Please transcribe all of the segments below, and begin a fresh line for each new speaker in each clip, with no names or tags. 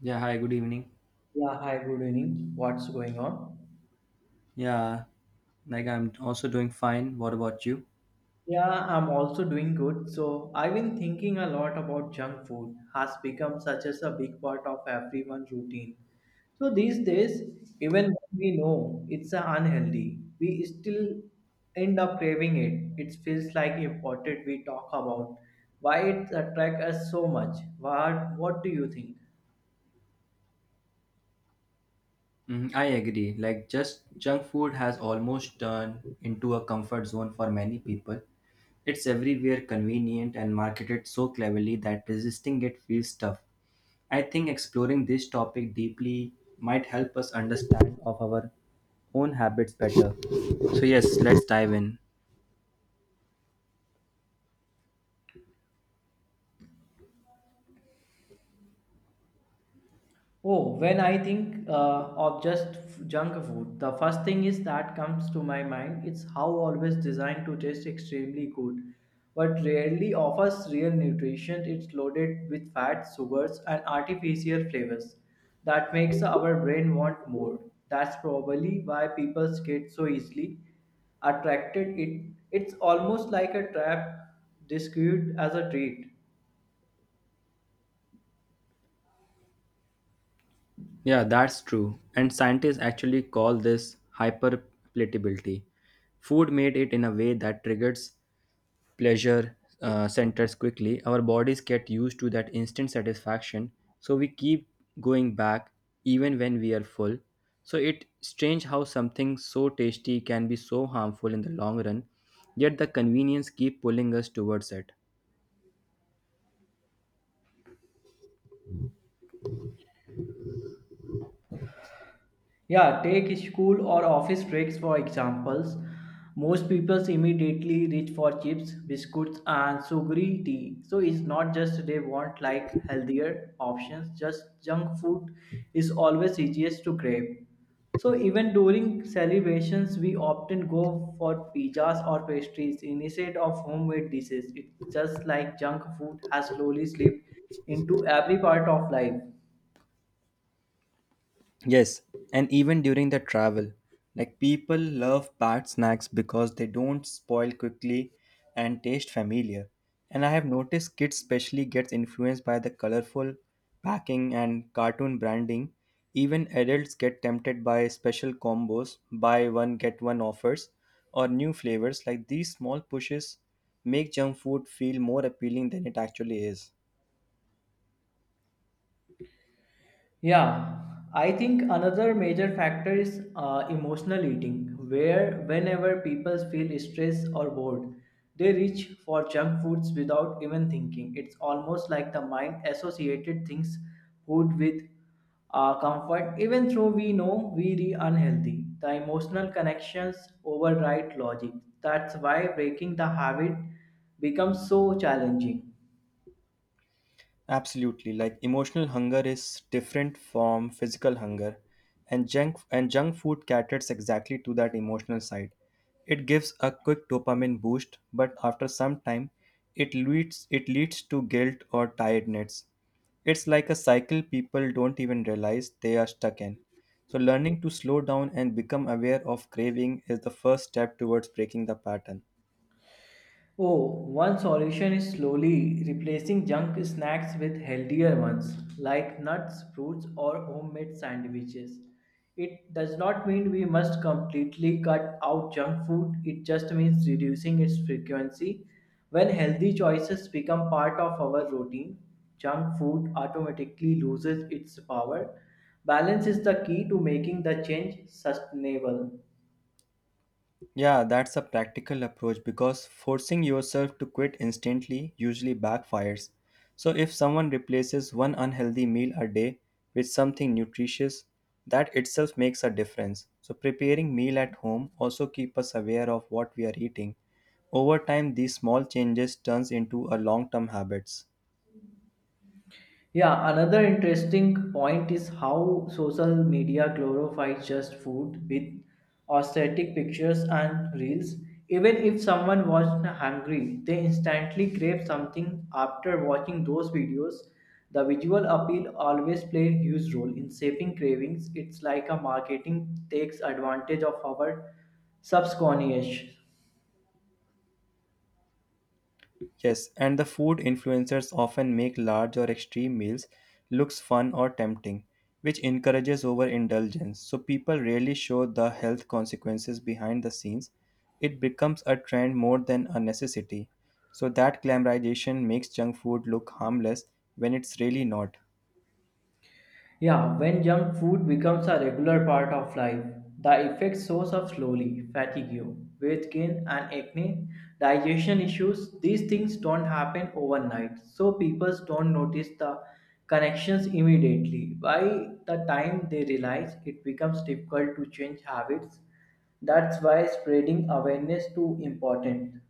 Yeah, hi, good evening.
Yeah, hi, good evening. What's going on?
Yeah, like I'm also doing fine. What about you?
Yeah, I'm also doing good. So, I've been thinking a lot about junk food has become such as a big part of everyone's routine. So, these days, even when we know it's a unhealthy, we still end up craving it. It feels like important we talk about why it attracts us so much. What do you think?
Hmm, I agree. Like, just junk food has almost turned into a comfort zone for many people. It's everywhere, convenient, and marketed so cleverly that resisting it feels tough. I think exploring this topic deeply might help us understand of our own habits better. So yes, let's dive in.
Oh, when I think of junk food, the first thing is that comes to my mind. It's how always designed to taste extremely good, but rarely offers real nutrition. It's loaded with fats, sugars, and artificial flavors that makes our brain want more. That's probably why people get so easily attracted. It's almost like a trap disguised as a treat.
Yeah, that's true. And scientists actually call this hyperpalatability. Food made it in a way that triggers pleasure centers quickly. Our bodies get used to that instant satisfaction, so we keep going back even when we are full. So it's strange how something so tasty can be so harmful in the long run, yet the convenience keep pulling us towards it.
Yeah, take school or office breaks for examples. Most people immediately reach for chips, biscuits, and sugary tea. So it's not just they want like healthier options, just junk food is always easiest to crave. So even during celebrations, we often go for pizzas or pastries instead of homemade dishes. It's just like junk food has slowly slipped into every part of life.
Yes, and even during the travel, like people love packed snacks because they don't spoil quickly and taste familiar. And I have noticed kids especially gets influenced by the colorful packing and cartoon branding. Even adults get tempted by special combos, buy one get one offers, or new flavors. Like these small pushes make junk food feel more appealing than it actually is.
Yeah, I think another major factor is emotional eating, where whenever people feel stressed or bored, they reach for junk foods without even thinking. It's almost like the mind associated things food with comfort, even though we know we are unhealthy. The emotional connections override logic. That's why breaking the habit becomes so challenging.
Absolutely. Like emotional hunger is different from physical hunger, and junk food caters exactly to that emotional side. It gives a quick dopamine boost, but after some time, it leads to guilt or tiredness. It's like a cycle people don't even realize they are stuck in. So learning to slow down and become aware of craving is the first step towards breaking the pattern.
Oh, one solution is slowly replacing junk snacks with healthier ones like nuts, fruits, or homemade sandwiches. It does not mean we must completely cut out junk food, it just means reducing its frequency. When healthy choices become part of our routine, junk food automatically loses its power. Balance is the key to making the change sustainable.
Yeah, that's a practical approach because forcing yourself to quit instantly usually backfires. So, if someone replaces one unhealthy meal a day with something nutritious, that itself makes a difference. So, preparing meal at home also keep us aware of what we are eating. Over time, these small changes turns into a long-term habits.
Yeah, another interesting point is how social media glorifies just food with aesthetic pictures and reels. Even if someone wasn't hungry, they instantly crave something after watching those videos. The visual appeal always plays a huge role in shaping cravings. It's like a marketing takes advantage of our subconscious.
Yes, and the food influencers often make large or extreme meals looks fun or tempting, which encourages overindulgence. So people rarely show the health consequences behind the scenes. It becomes a trend more than a necessity. So that glamorization makes junk food look harmless when it's really not.
Yeah, when junk food becomes a regular part of life, the effect shows up slowly fatigue, weight gain, and acne, digestion issues. These things don't happen overnight, so people don't notice the connections immediately. By the time they realize, it becomes difficult to change habits. That's why spreading awareness too important.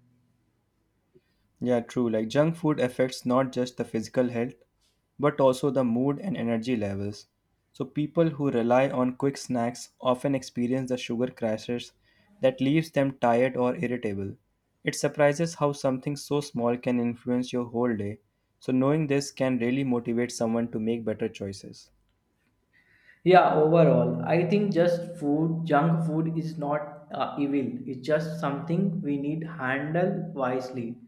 Yeah, true. Like junk food affects not just the physical health, but also the mood and energy levels. So people who rely on quick snacks often experience the sugar crashes that leaves them tired or irritable. It surprises how something so small can influence your whole day. So knowing this can really motivate someone to make better choices.
Yeah, overall, I think just food, junk food is not evil. It's just something we need handle wisely.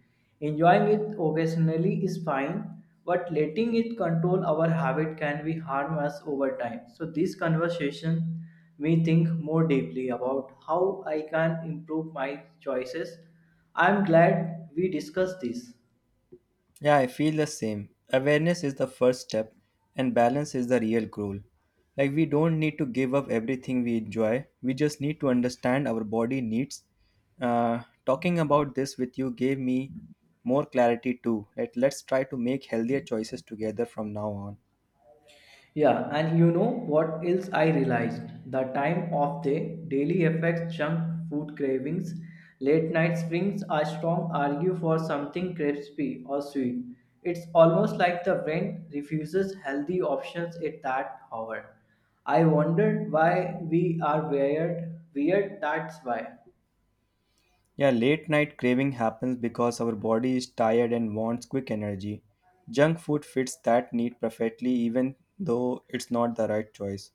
Enjoying it occasionally is fine, but letting it control our habit can be harm us over time. So this conversation me think more deeply about how I can improve my choices. I'm glad we discussed this.
Yeah, I feel the same. Awareness is the first step, and balance is the real goal. Like, we don't need to give up everything we enjoy, we just need to understand our body needs. Talking about this with you gave me more clarity too. Like, let's try to make healthier choices together from now on.
Yeah, and you know what else I realized? The time of day daily affects junk food cravings. Late night springs are strong argue for something crispy or sweet. It's almost like the brain refuses healthy options at that hour. I wondered why we are weird. Weird, that's why.
Yeah, late night craving happens because our body is tired and wants quick energy. Junk food fits that need perfectly, even though it's not the right choice.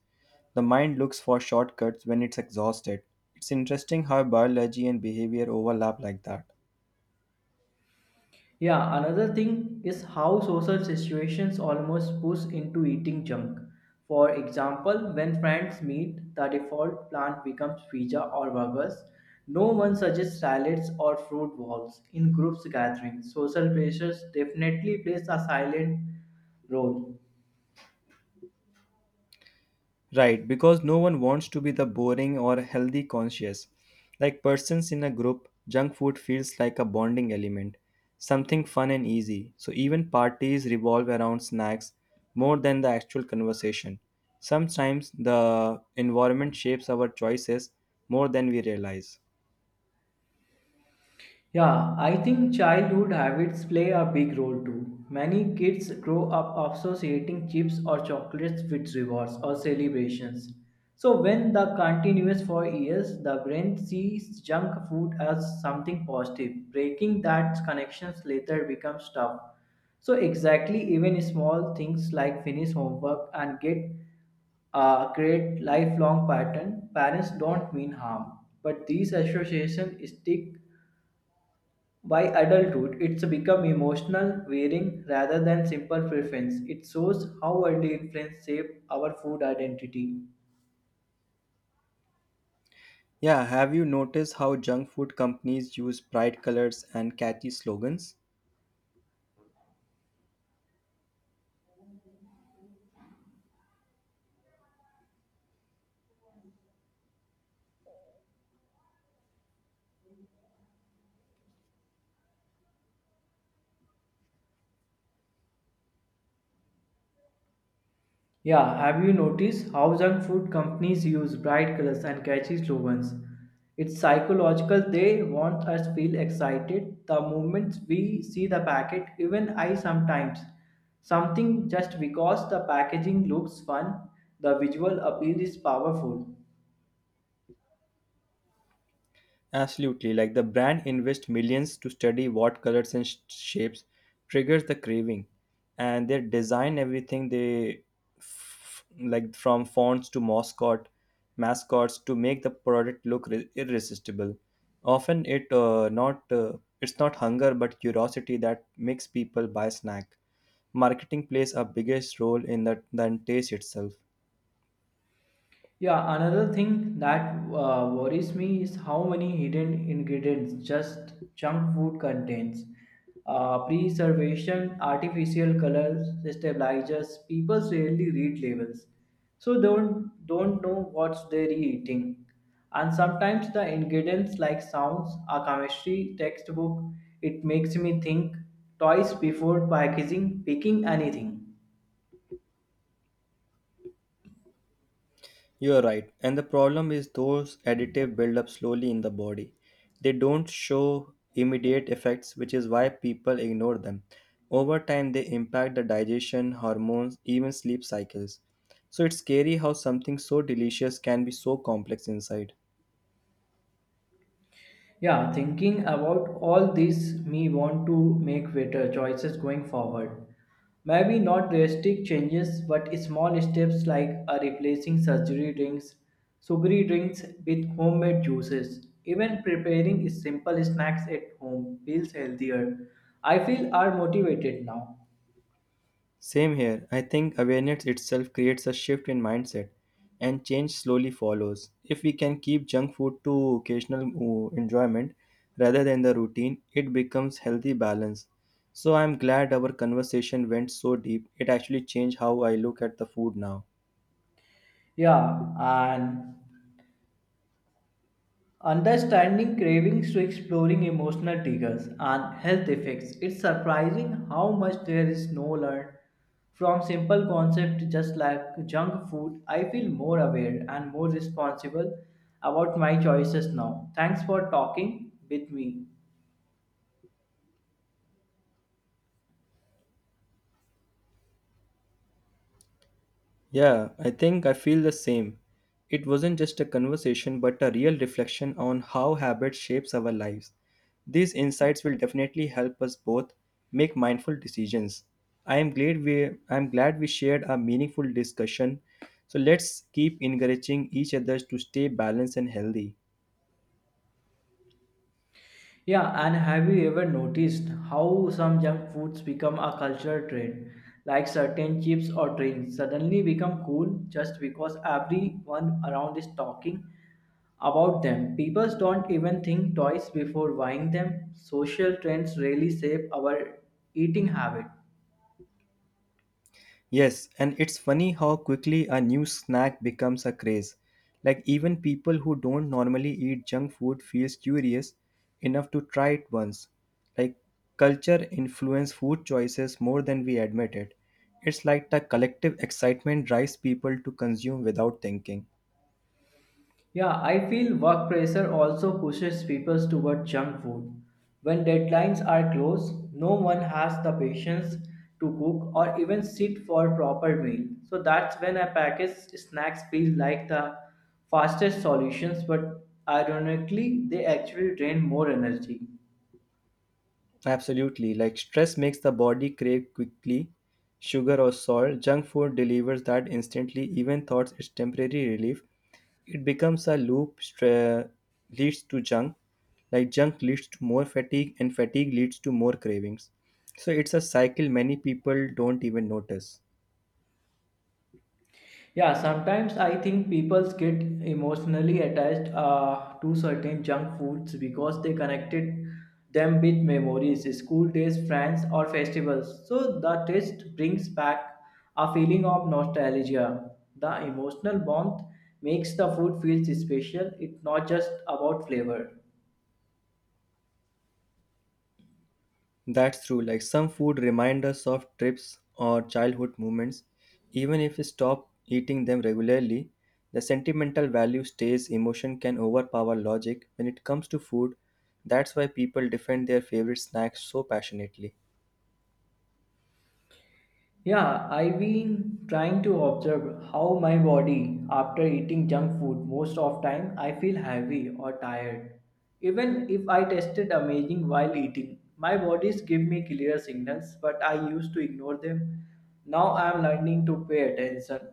The mind looks for shortcuts when it's exhausted. It's interesting how biology and behavior overlap like that.
Yeah, another thing is how social situations almost push into eating junk. For example, when friends meet, the default plan becomes pizza or burgers. No one suggests salads or fruit bowls in groups gatherings. Social pressures definitely plays a silent role.
Right, because no one wants to be the boring or healthy conscious. Like persons in a group, junk food feels like a bonding element, something fun and easy. So even parties revolve around snacks more than the actual conversation. Sometimes the environment shapes our choices more than we realize.
Yeah, I think childhood habits play a big role too. Many kids grow up associating chips or chocolates with rewards or celebrations. So when the continues for years, the brain sees junk food as something positive. Breaking that connections later becomes tough. So exactly, even small things like finish homework and get a great lifelong pattern, parents don't mean harm, but these associations stick by adulthood, it's become emotional wearing rather than simple preference. It shows how worldly influence shape our food identity.
Yeah, have you noticed how junk food companies use bright colors and catchy slogans?
Yeah, have you noticed how junk food companies use bright colors and catchy slogans? It's psychological. They want us feel excited the moment we see the packet. Even I sometimes something just because the packaging looks fun. The visual appeal is powerful.
Absolutely, like the brand invests millions to study what colors and shapes triggers the craving, and they design everything like from fonts to mascots to make the product look irresistible. Often it's not hunger but curiosity that makes people buy snack. Marketing plays a biggest role in that than taste itself.
Yeah, another thing that worries me is how many hidden ingredients just junk food contains. Preservation, artificial colors, stabilizers. People rarely read labels, so they don't know what they're eating. And sometimes the ingredients like sounds are chemistry textbook. It makes me think twice before packaging picking anything.
You are right. And the problem is those additives build up slowly in the body. They don't show immediate effects, which is why people ignore them. Over time, they impact the digestion, hormones, even sleep cycles. So it's scary how something so delicious can be so complex inside.
Yeah, thinking about all this, me want to make better choices going forward. Maybe not drastic changes, but small steps like replacing surgery drinks, sugary drinks with homemade juices. Even preparing simple snacks at home feels healthier. I feel are motivated now.
Same here. I think awareness itself creates a shift in mindset, and change slowly follows. If we can keep junk food to occasional enjoyment rather than the routine, it becomes healthy balance. So I'm glad our conversation went so deep. It actually changed how I look at the food now.
Yeah, and Understanding cravings to exploring emotional triggers and health effects, it's surprising how much there is no learned from simple concepts just like junk food. I feel more aware and more responsible about my choices now. Thanks for talking with me.
Yeah, I think I feel the same. It wasn't just a conversation but a real reflection on how habit shapes our lives. These insights will definitely help us both make mindful decisions. I am glad we shared a meaningful discussion. So let's keep encouraging each other to stay balanced and healthy.
Yeah, and have you ever noticed how some junk foods become a cultural trend? Like certain chips or drinks suddenly become cool just because everyone around is talking about them. People don't even think twice before buying them. Social trends really shape our eating habit.
Yes, and it's funny how quickly a new snack becomes a craze. Like even people who don't normally eat junk food feels curious enough to try it once. Like culture influence food choices more than we admit it. It's like the collective excitement drives people to consume without thinking.
Yeah, I feel work pressure also pushes people toward junk food. When deadlines are close, no one has the patience to cook or even sit for a proper meal. So that's when a packaged snacks feel like the fastest solutions, but ironically, they actually drain more energy.
Absolutely. Like stress makes the body crave quickly sugar or salt. Junk food delivers that instantly, even thoughts it's temporary relief. It becomes a loop leads to junk. Like junk leads to more fatigue and fatigue leads to more cravings. So it's a cycle many people don't even notice.
Yeah, sometimes I think people get emotionally attached to certain junk foods because they connected them with memories, school days, friends, or festivals. So the taste brings back a feeling of nostalgia. The emotional warmth makes the food feel special. It's not just about flavor.
That's true. Like some food remind us of trips or childhood moments. Even if we stop eating them regularly, the sentimental value stays. Emotion can overpower logic when it comes to food. That's why people defend their favorite snacks so passionately.
Yeah, I've been trying to observe how my body after eating junk food most of time I feel heavy or tired. Even if I tasted amazing while eating, my bodies give me clear signals but I used to ignore them. Now I am learning to pay attention.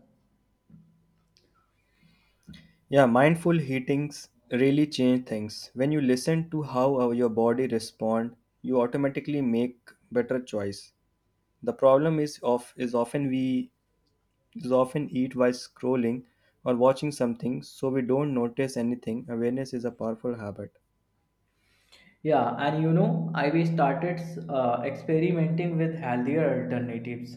Yeah, mindful eatings really change things. When you listen to how your body respond, you automatically make better choice. The problem is of is often we is often eat while scrolling or watching something so we don't notice anything. Awareness is a powerful habit.
Yeah, and you know, I we started experimenting with healthier alternatives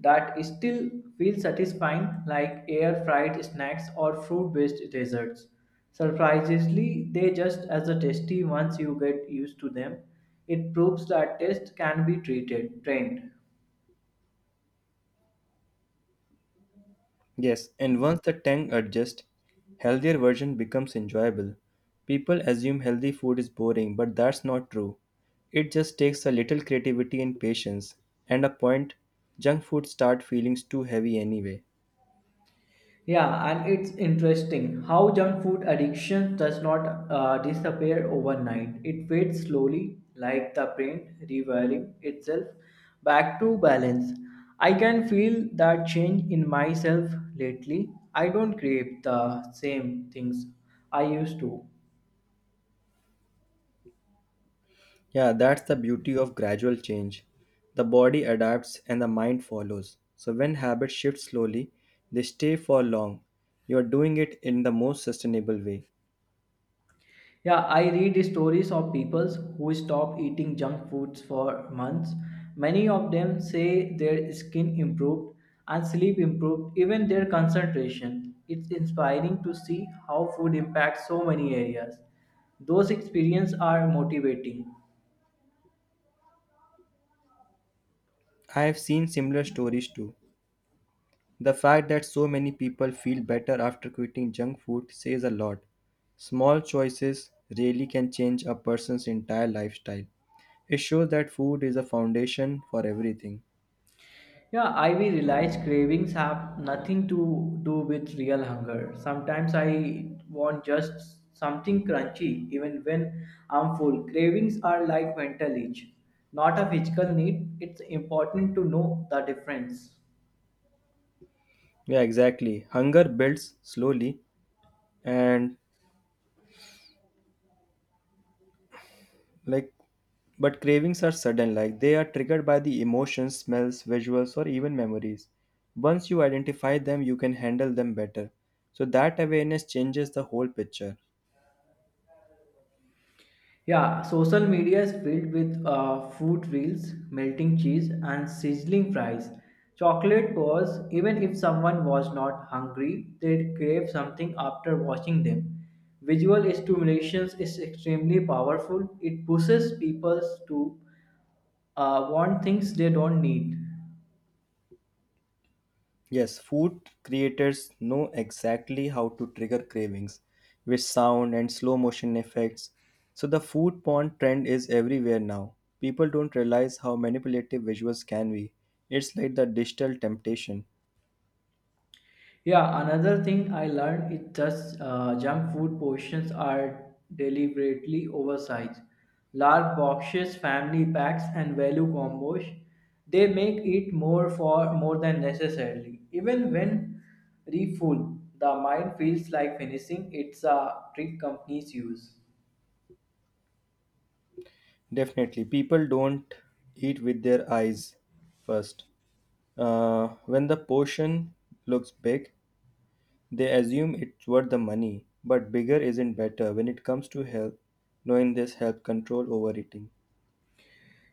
that still feel satisfying, like air fried snacks or fruit based desserts. Surprisingly, they just as a tasty once you get used to them. It proves that taste can be treated, trained.
Yes, and once the tank adjusts, healthier version becomes enjoyable. People assume healthy food is boring, but that's not true. It just takes a little creativity and patience. And a point, junk food start feeling too heavy anyway.
Yeah, and it's interesting how junk food addiction does not disappear overnight. It fades slowly, like the brain rewiring itself back to balance. I can feel that change in myself lately. I don't crave the same things I used to.
Yeah, that's the beauty of gradual change. The body adapts and the mind follows. So when habits shift slowly, they stay for long. You are doing it in the most sustainable way.
Yeah, I read stories of people who stop eating junk foods for months. Many of them say their skin improved and sleep improved, even their concentration. It's inspiring to see how food impacts so many areas. Those experiences are motivating.
I have seen similar stories too. The fact that so many people feel better after quitting junk food says a lot. Small choices really can change a person's entire lifestyle. It shows that food is a foundation for everything.
Yeah, I will realize cravings have nothing to do with real hunger. Sometimes I want just something crunchy, even when I'm full. Cravings are like mental itch, not a physical need. It's important to know the difference.
Yeah, exactly. Hunger builds slowly and like but cravings are sudden, like they are triggered by the emotions, smells, visuals, or even memories. Once you identify them, you can handle them better, so that awareness changes the whole picture.
Yeah, social media is filled with food reels, melting cheese, and sizzling fries. Chocolate was, even if someone was not hungry, they crave something after watching them. Visual stimulation is extremely powerful. It pushes people to want things they don't need.
Yes, food creators know exactly how to trigger cravings with sound and slow motion effects. So the food porn trend is everywhere now. People don't realize how manipulative visuals can be. It's like the digital temptation.
Yeah, another thing I learned is just junk food portions are deliberately oversized. Large boxes, family packs, and value combos, they make it more for more than necessarily. Even when refull, the mind feels like finishing. It's a trick companies use.
Definitely, people don't eat with their eyes first. When the portion looks big, they assume it's worth the money. But bigger isn't better when it comes to health. Knowing this helps control overeating.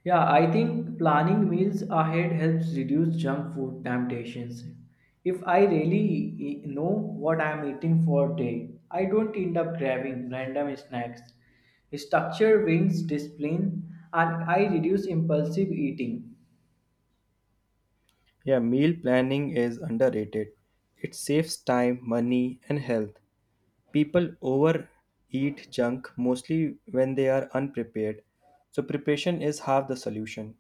Yeah, I think planning meals ahead helps reduce junk food temptations. If I really know what I'm eating for day, I don't end up grabbing random snacks. Structure wins discipline and I reduce impulsive eating.
Yeah, meal planning is underrated. It saves time, money, and health. People overeat junk mostly when they are unprepared. So, preparation is half the solution.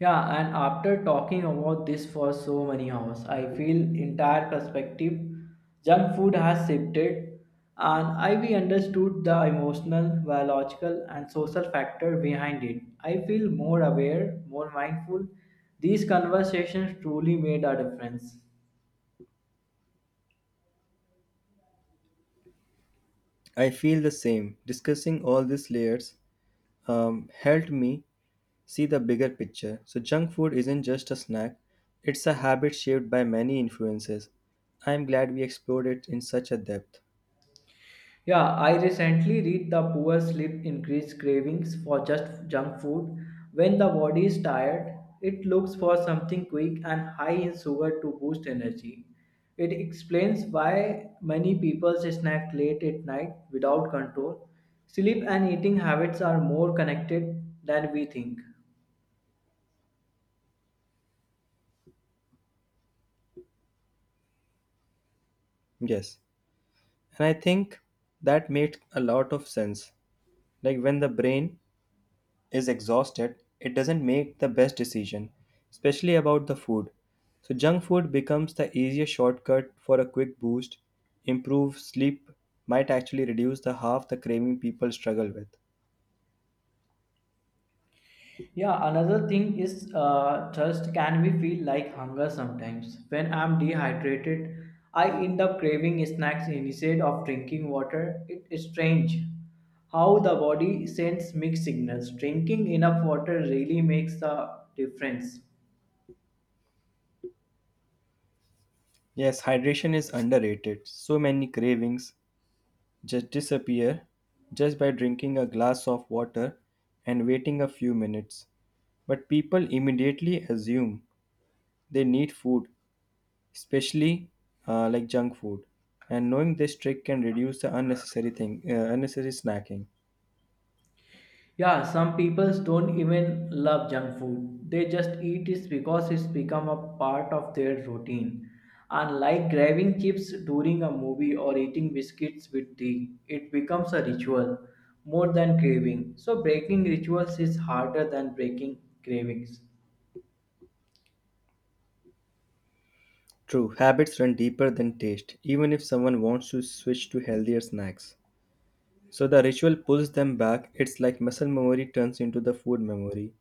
Yeah, and after talking about this for so many hours, I feel entire perspective. Junk food has shifted, and I we understood the emotional, biological, and social factor behind it. I feel more aware, more mindful. These conversations truly made a difference.
I feel the same. Discussing all these layers helped me see the bigger picture. So, junk food isn't just a snack, it's a habit shaped by many influences. I'm glad we explored it in such a depth.
Yeah, I recently read the poor sleep increase cravings for just junk food. When the body is tired, it looks for something quick and high in sugar to boost energy. It explains why many people snack late at night without control. Sleep and eating habits are more connected than we think.
Yes, and I think that made a lot of sense. Like when the brain is exhausted, it doesn't make the best decision, especially about the food. So, junk food becomes the easiest shortcut for a quick boost. Improve sleep might actually reduce the half the craving people struggle with.
Yeah, another thing is thirst can be feel like hunger sometimes. When I'm dehydrated, I end up craving snacks instead of drinking water. It is strange how the body sends mixed signals. Drinking enough water really makes a difference.
Yes, hydration is underrated. So many cravings just disappear just by drinking a glass of water and waiting a few minutes. But people immediately assume they need food, especially like junk food. And knowing this trick can reduce the unnecessary snacking.
Yeah, some people don't even love junk food. They just eat it because it's become a part of their routine. And like grabbing chips during a movie or eating biscuits with tea, it becomes a ritual more than craving. So breaking rituals is harder than breaking cravings.
True, habits run deeper than taste, even if someone wants to switch to healthier snacks. So the ritual pulls them back. It's like muscle memory turns into the food memory.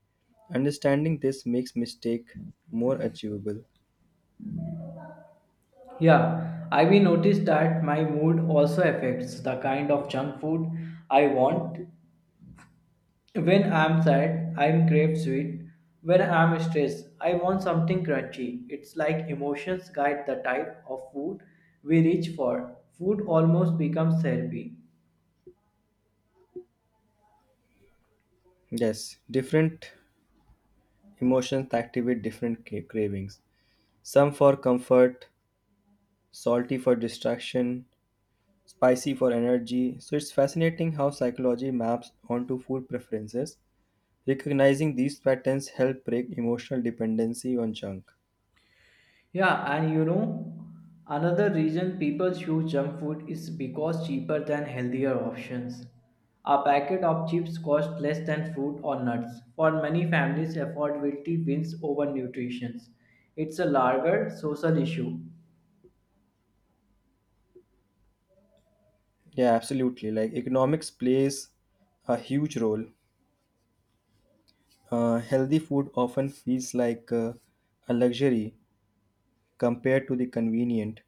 Understanding this makes mistake more achievable.
Yeah, I will noticed that my mood also affects the kind of junk food I want. When I'm sad, I crave sweet. When I'm stressed, I want something crunchy. It's like emotions guide the type of food we reach for. Food almost becomes therapy.
Yes, different emotions activate cravings. Some for comfort, salty for distraction, spicy for energy. So it's fascinating how psychology maps onto food preferences. Recognizing these patterns help break emotional dependency on junk.
Yeah, and you know, another reason people choose junk food is because cheaper than healthier options. A packet of chips costs less than fruit or nuts. For many families, affordability wins over nutrition. It's a larger social issue.
Yeah, absolutely. Like economics plays a huge role. Healthy food often feels like a luxury compared to the convenient.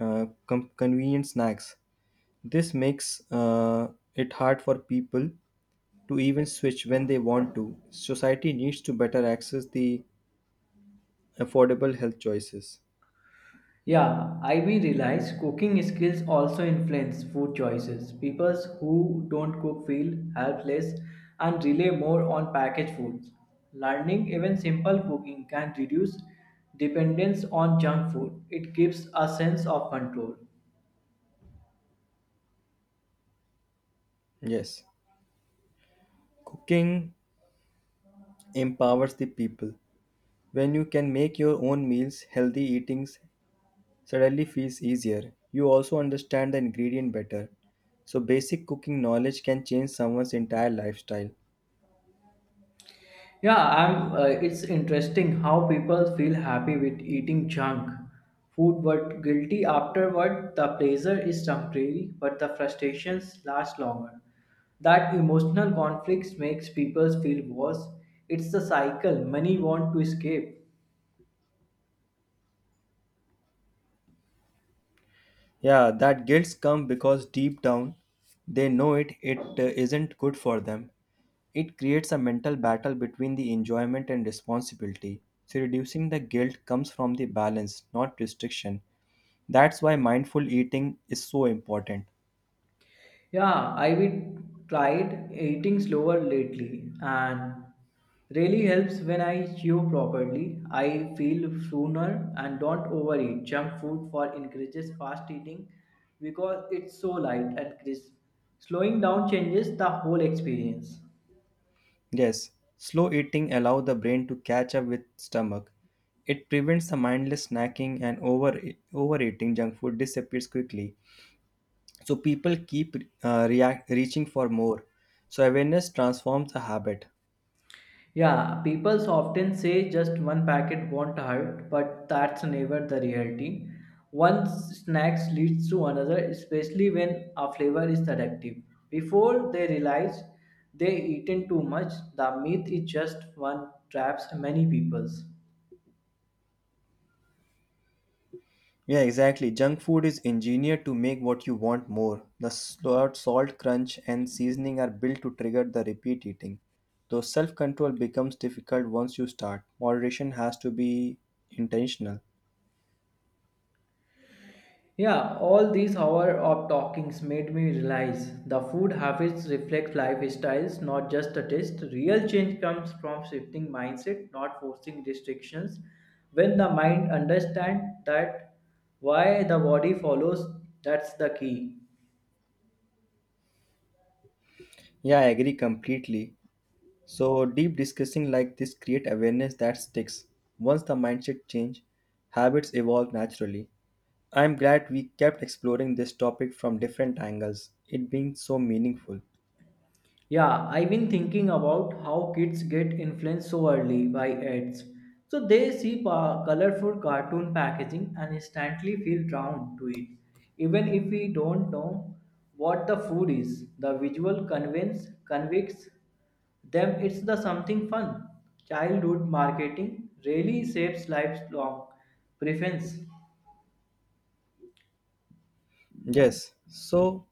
Convenient snacks. This makes it hard for people to even switch when they want to. Society needs to better access the affordable health choices.
Yeah, I mean realize cooking skills also influence food choices. People who don't cook feel helpless and rely more on packaged foods. Learning even simple cooking can reduce dependence on junk food. It gives a sense of control.
Yes, cooking empowers the people. When you can make your own meals, healthy eatings suddenly feels easier. You also understand the ingredient better. So basic cooking knowledge can change someone's entire lifestyle.
Yeah, it's interesting how people feel happy with eating junk food but guilty afterward. The pleasure is temporary, but the frustrations last longer. That emotional conflicts makes people feel worse. It's the cycle many want to escape.
Yeah, that guilt comes because deep down they know it isn't good for them. It creates a mental battle between the enjoyment and responsibility. So reducing the guilt comes from the balance, not restriction. That's why mindful eating is so important.
Yeah, I've tried eating slower lately and really helps when I chew properly. I feel sooner and don't overeat junk food for encourages fast eating because it's so light and crisp. Slowing down changes the whole experience.
Yes, slow eating allow the brain to catch up with stomach. It prevents the mindless snacking and overeating junk food disappears quickly. So people keep react reaching for more, so awareness transforms a habit.
Yeah, people often say just one packet won't hurt, but that's never the reality. One snack leads to another, especially when a flavor is addictive. Before they realize they eaten too much, the myth is just one traps many peoples.
Yeah, exactly. Junk food is engineered to make what you want more. The salt crunch and seasoning are built to trigger the repeat eating, though self-control becomes difficult once you start. Moderation has to be intentional.
Yeah, all these hours of talkings made me realize the food habits reflect lifestyles, not just a taste. Real change comes from shifting mindset, not forcing restrictions. When the mind understands that why the body follows, that's the key.
Yeah, I agree completely. So deep discussing like this create awareness that sticks. Once the mindset change, habits evolve naturally. I'm glad we kept exploring this topic from different angles, it being so meaningful.
Yeah, I've been thinking about how kids get influenced so early by ads. So they see colorful cartoon packaging and instantly feel drawn to it. Even if we don't know what the food is, the visual convince convicts them it's the something fun. Childhood marketing really shapes lifelong preference.
Yes. So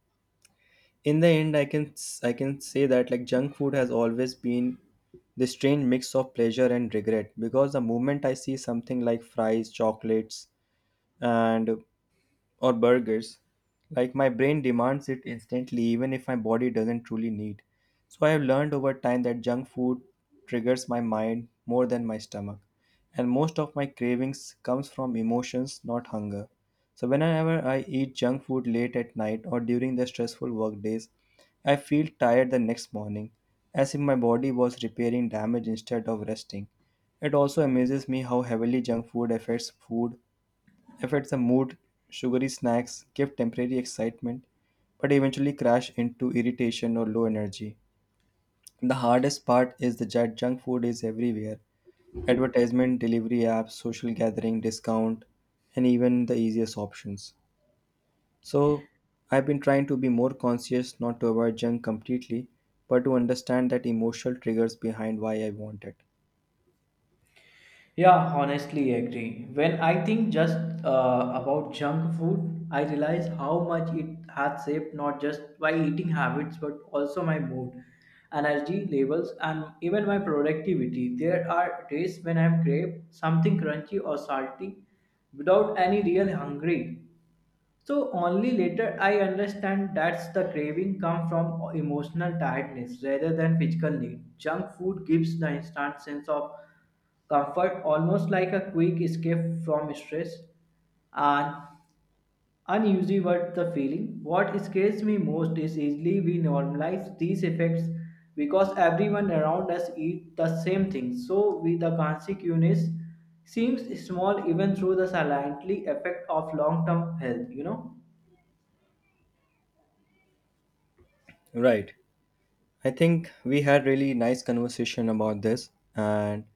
in the end I can say that like junk food has always been this strange mix of pleasure and regret, because the moment I see something like fries, chocolates and or burgers. Like my brain demands it instantly, even if my body doesn't truly need. So I have learned over time that junk food triggers my mind more than my stomach, and most of my cravings comes from emotions, not hunger. So whenever I eat junk food late at night or during the stressful work days, I feel tired the next morning, as if my body was repairing damage instead of resting. It also amazes me how heavily junk food affects food if the mood, sugary snacks give temporary excitement but eventually crash into irritation or low energy. The hardest part is the jet junk food is everywhere. Advertisement, delivery apps, social gathering, discount, and even the easiest options. So I've been trying to be more conscious not to avoid junk completely, but to understand that emotional triggers behind why I want it.
Yeah, honestly agree. When I think just about junk food, I realize how much it has shaped not just my eating habits but also my mood, energy levels, and even my productivity. There are days when I'm crave something crunchy or salty without any real hungry, so only later I understand that's the craving come from emotional tiredness rather than physical need. Junk food gives the instant sense of comfort, almost like a quick escape from stress and unusually what the feeling. What scares me most is easily we normalize these effects because everyone around us eat the same thing. So we the consequence seems small even through the silently effect of long-term health, you know.
Right. I think we had really nice conversation about this, and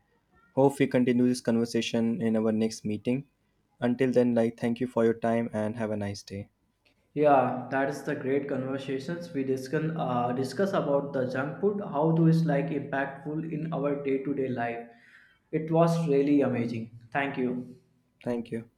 hope we continue this conversation in our next meeting. Until then, like, thank you for your time and have a nice day.
Yeah, that is the great conversations we discuss about the junk food. How do it's like impactful in our day to day life? It was really amazing. Thank you.
Thank you.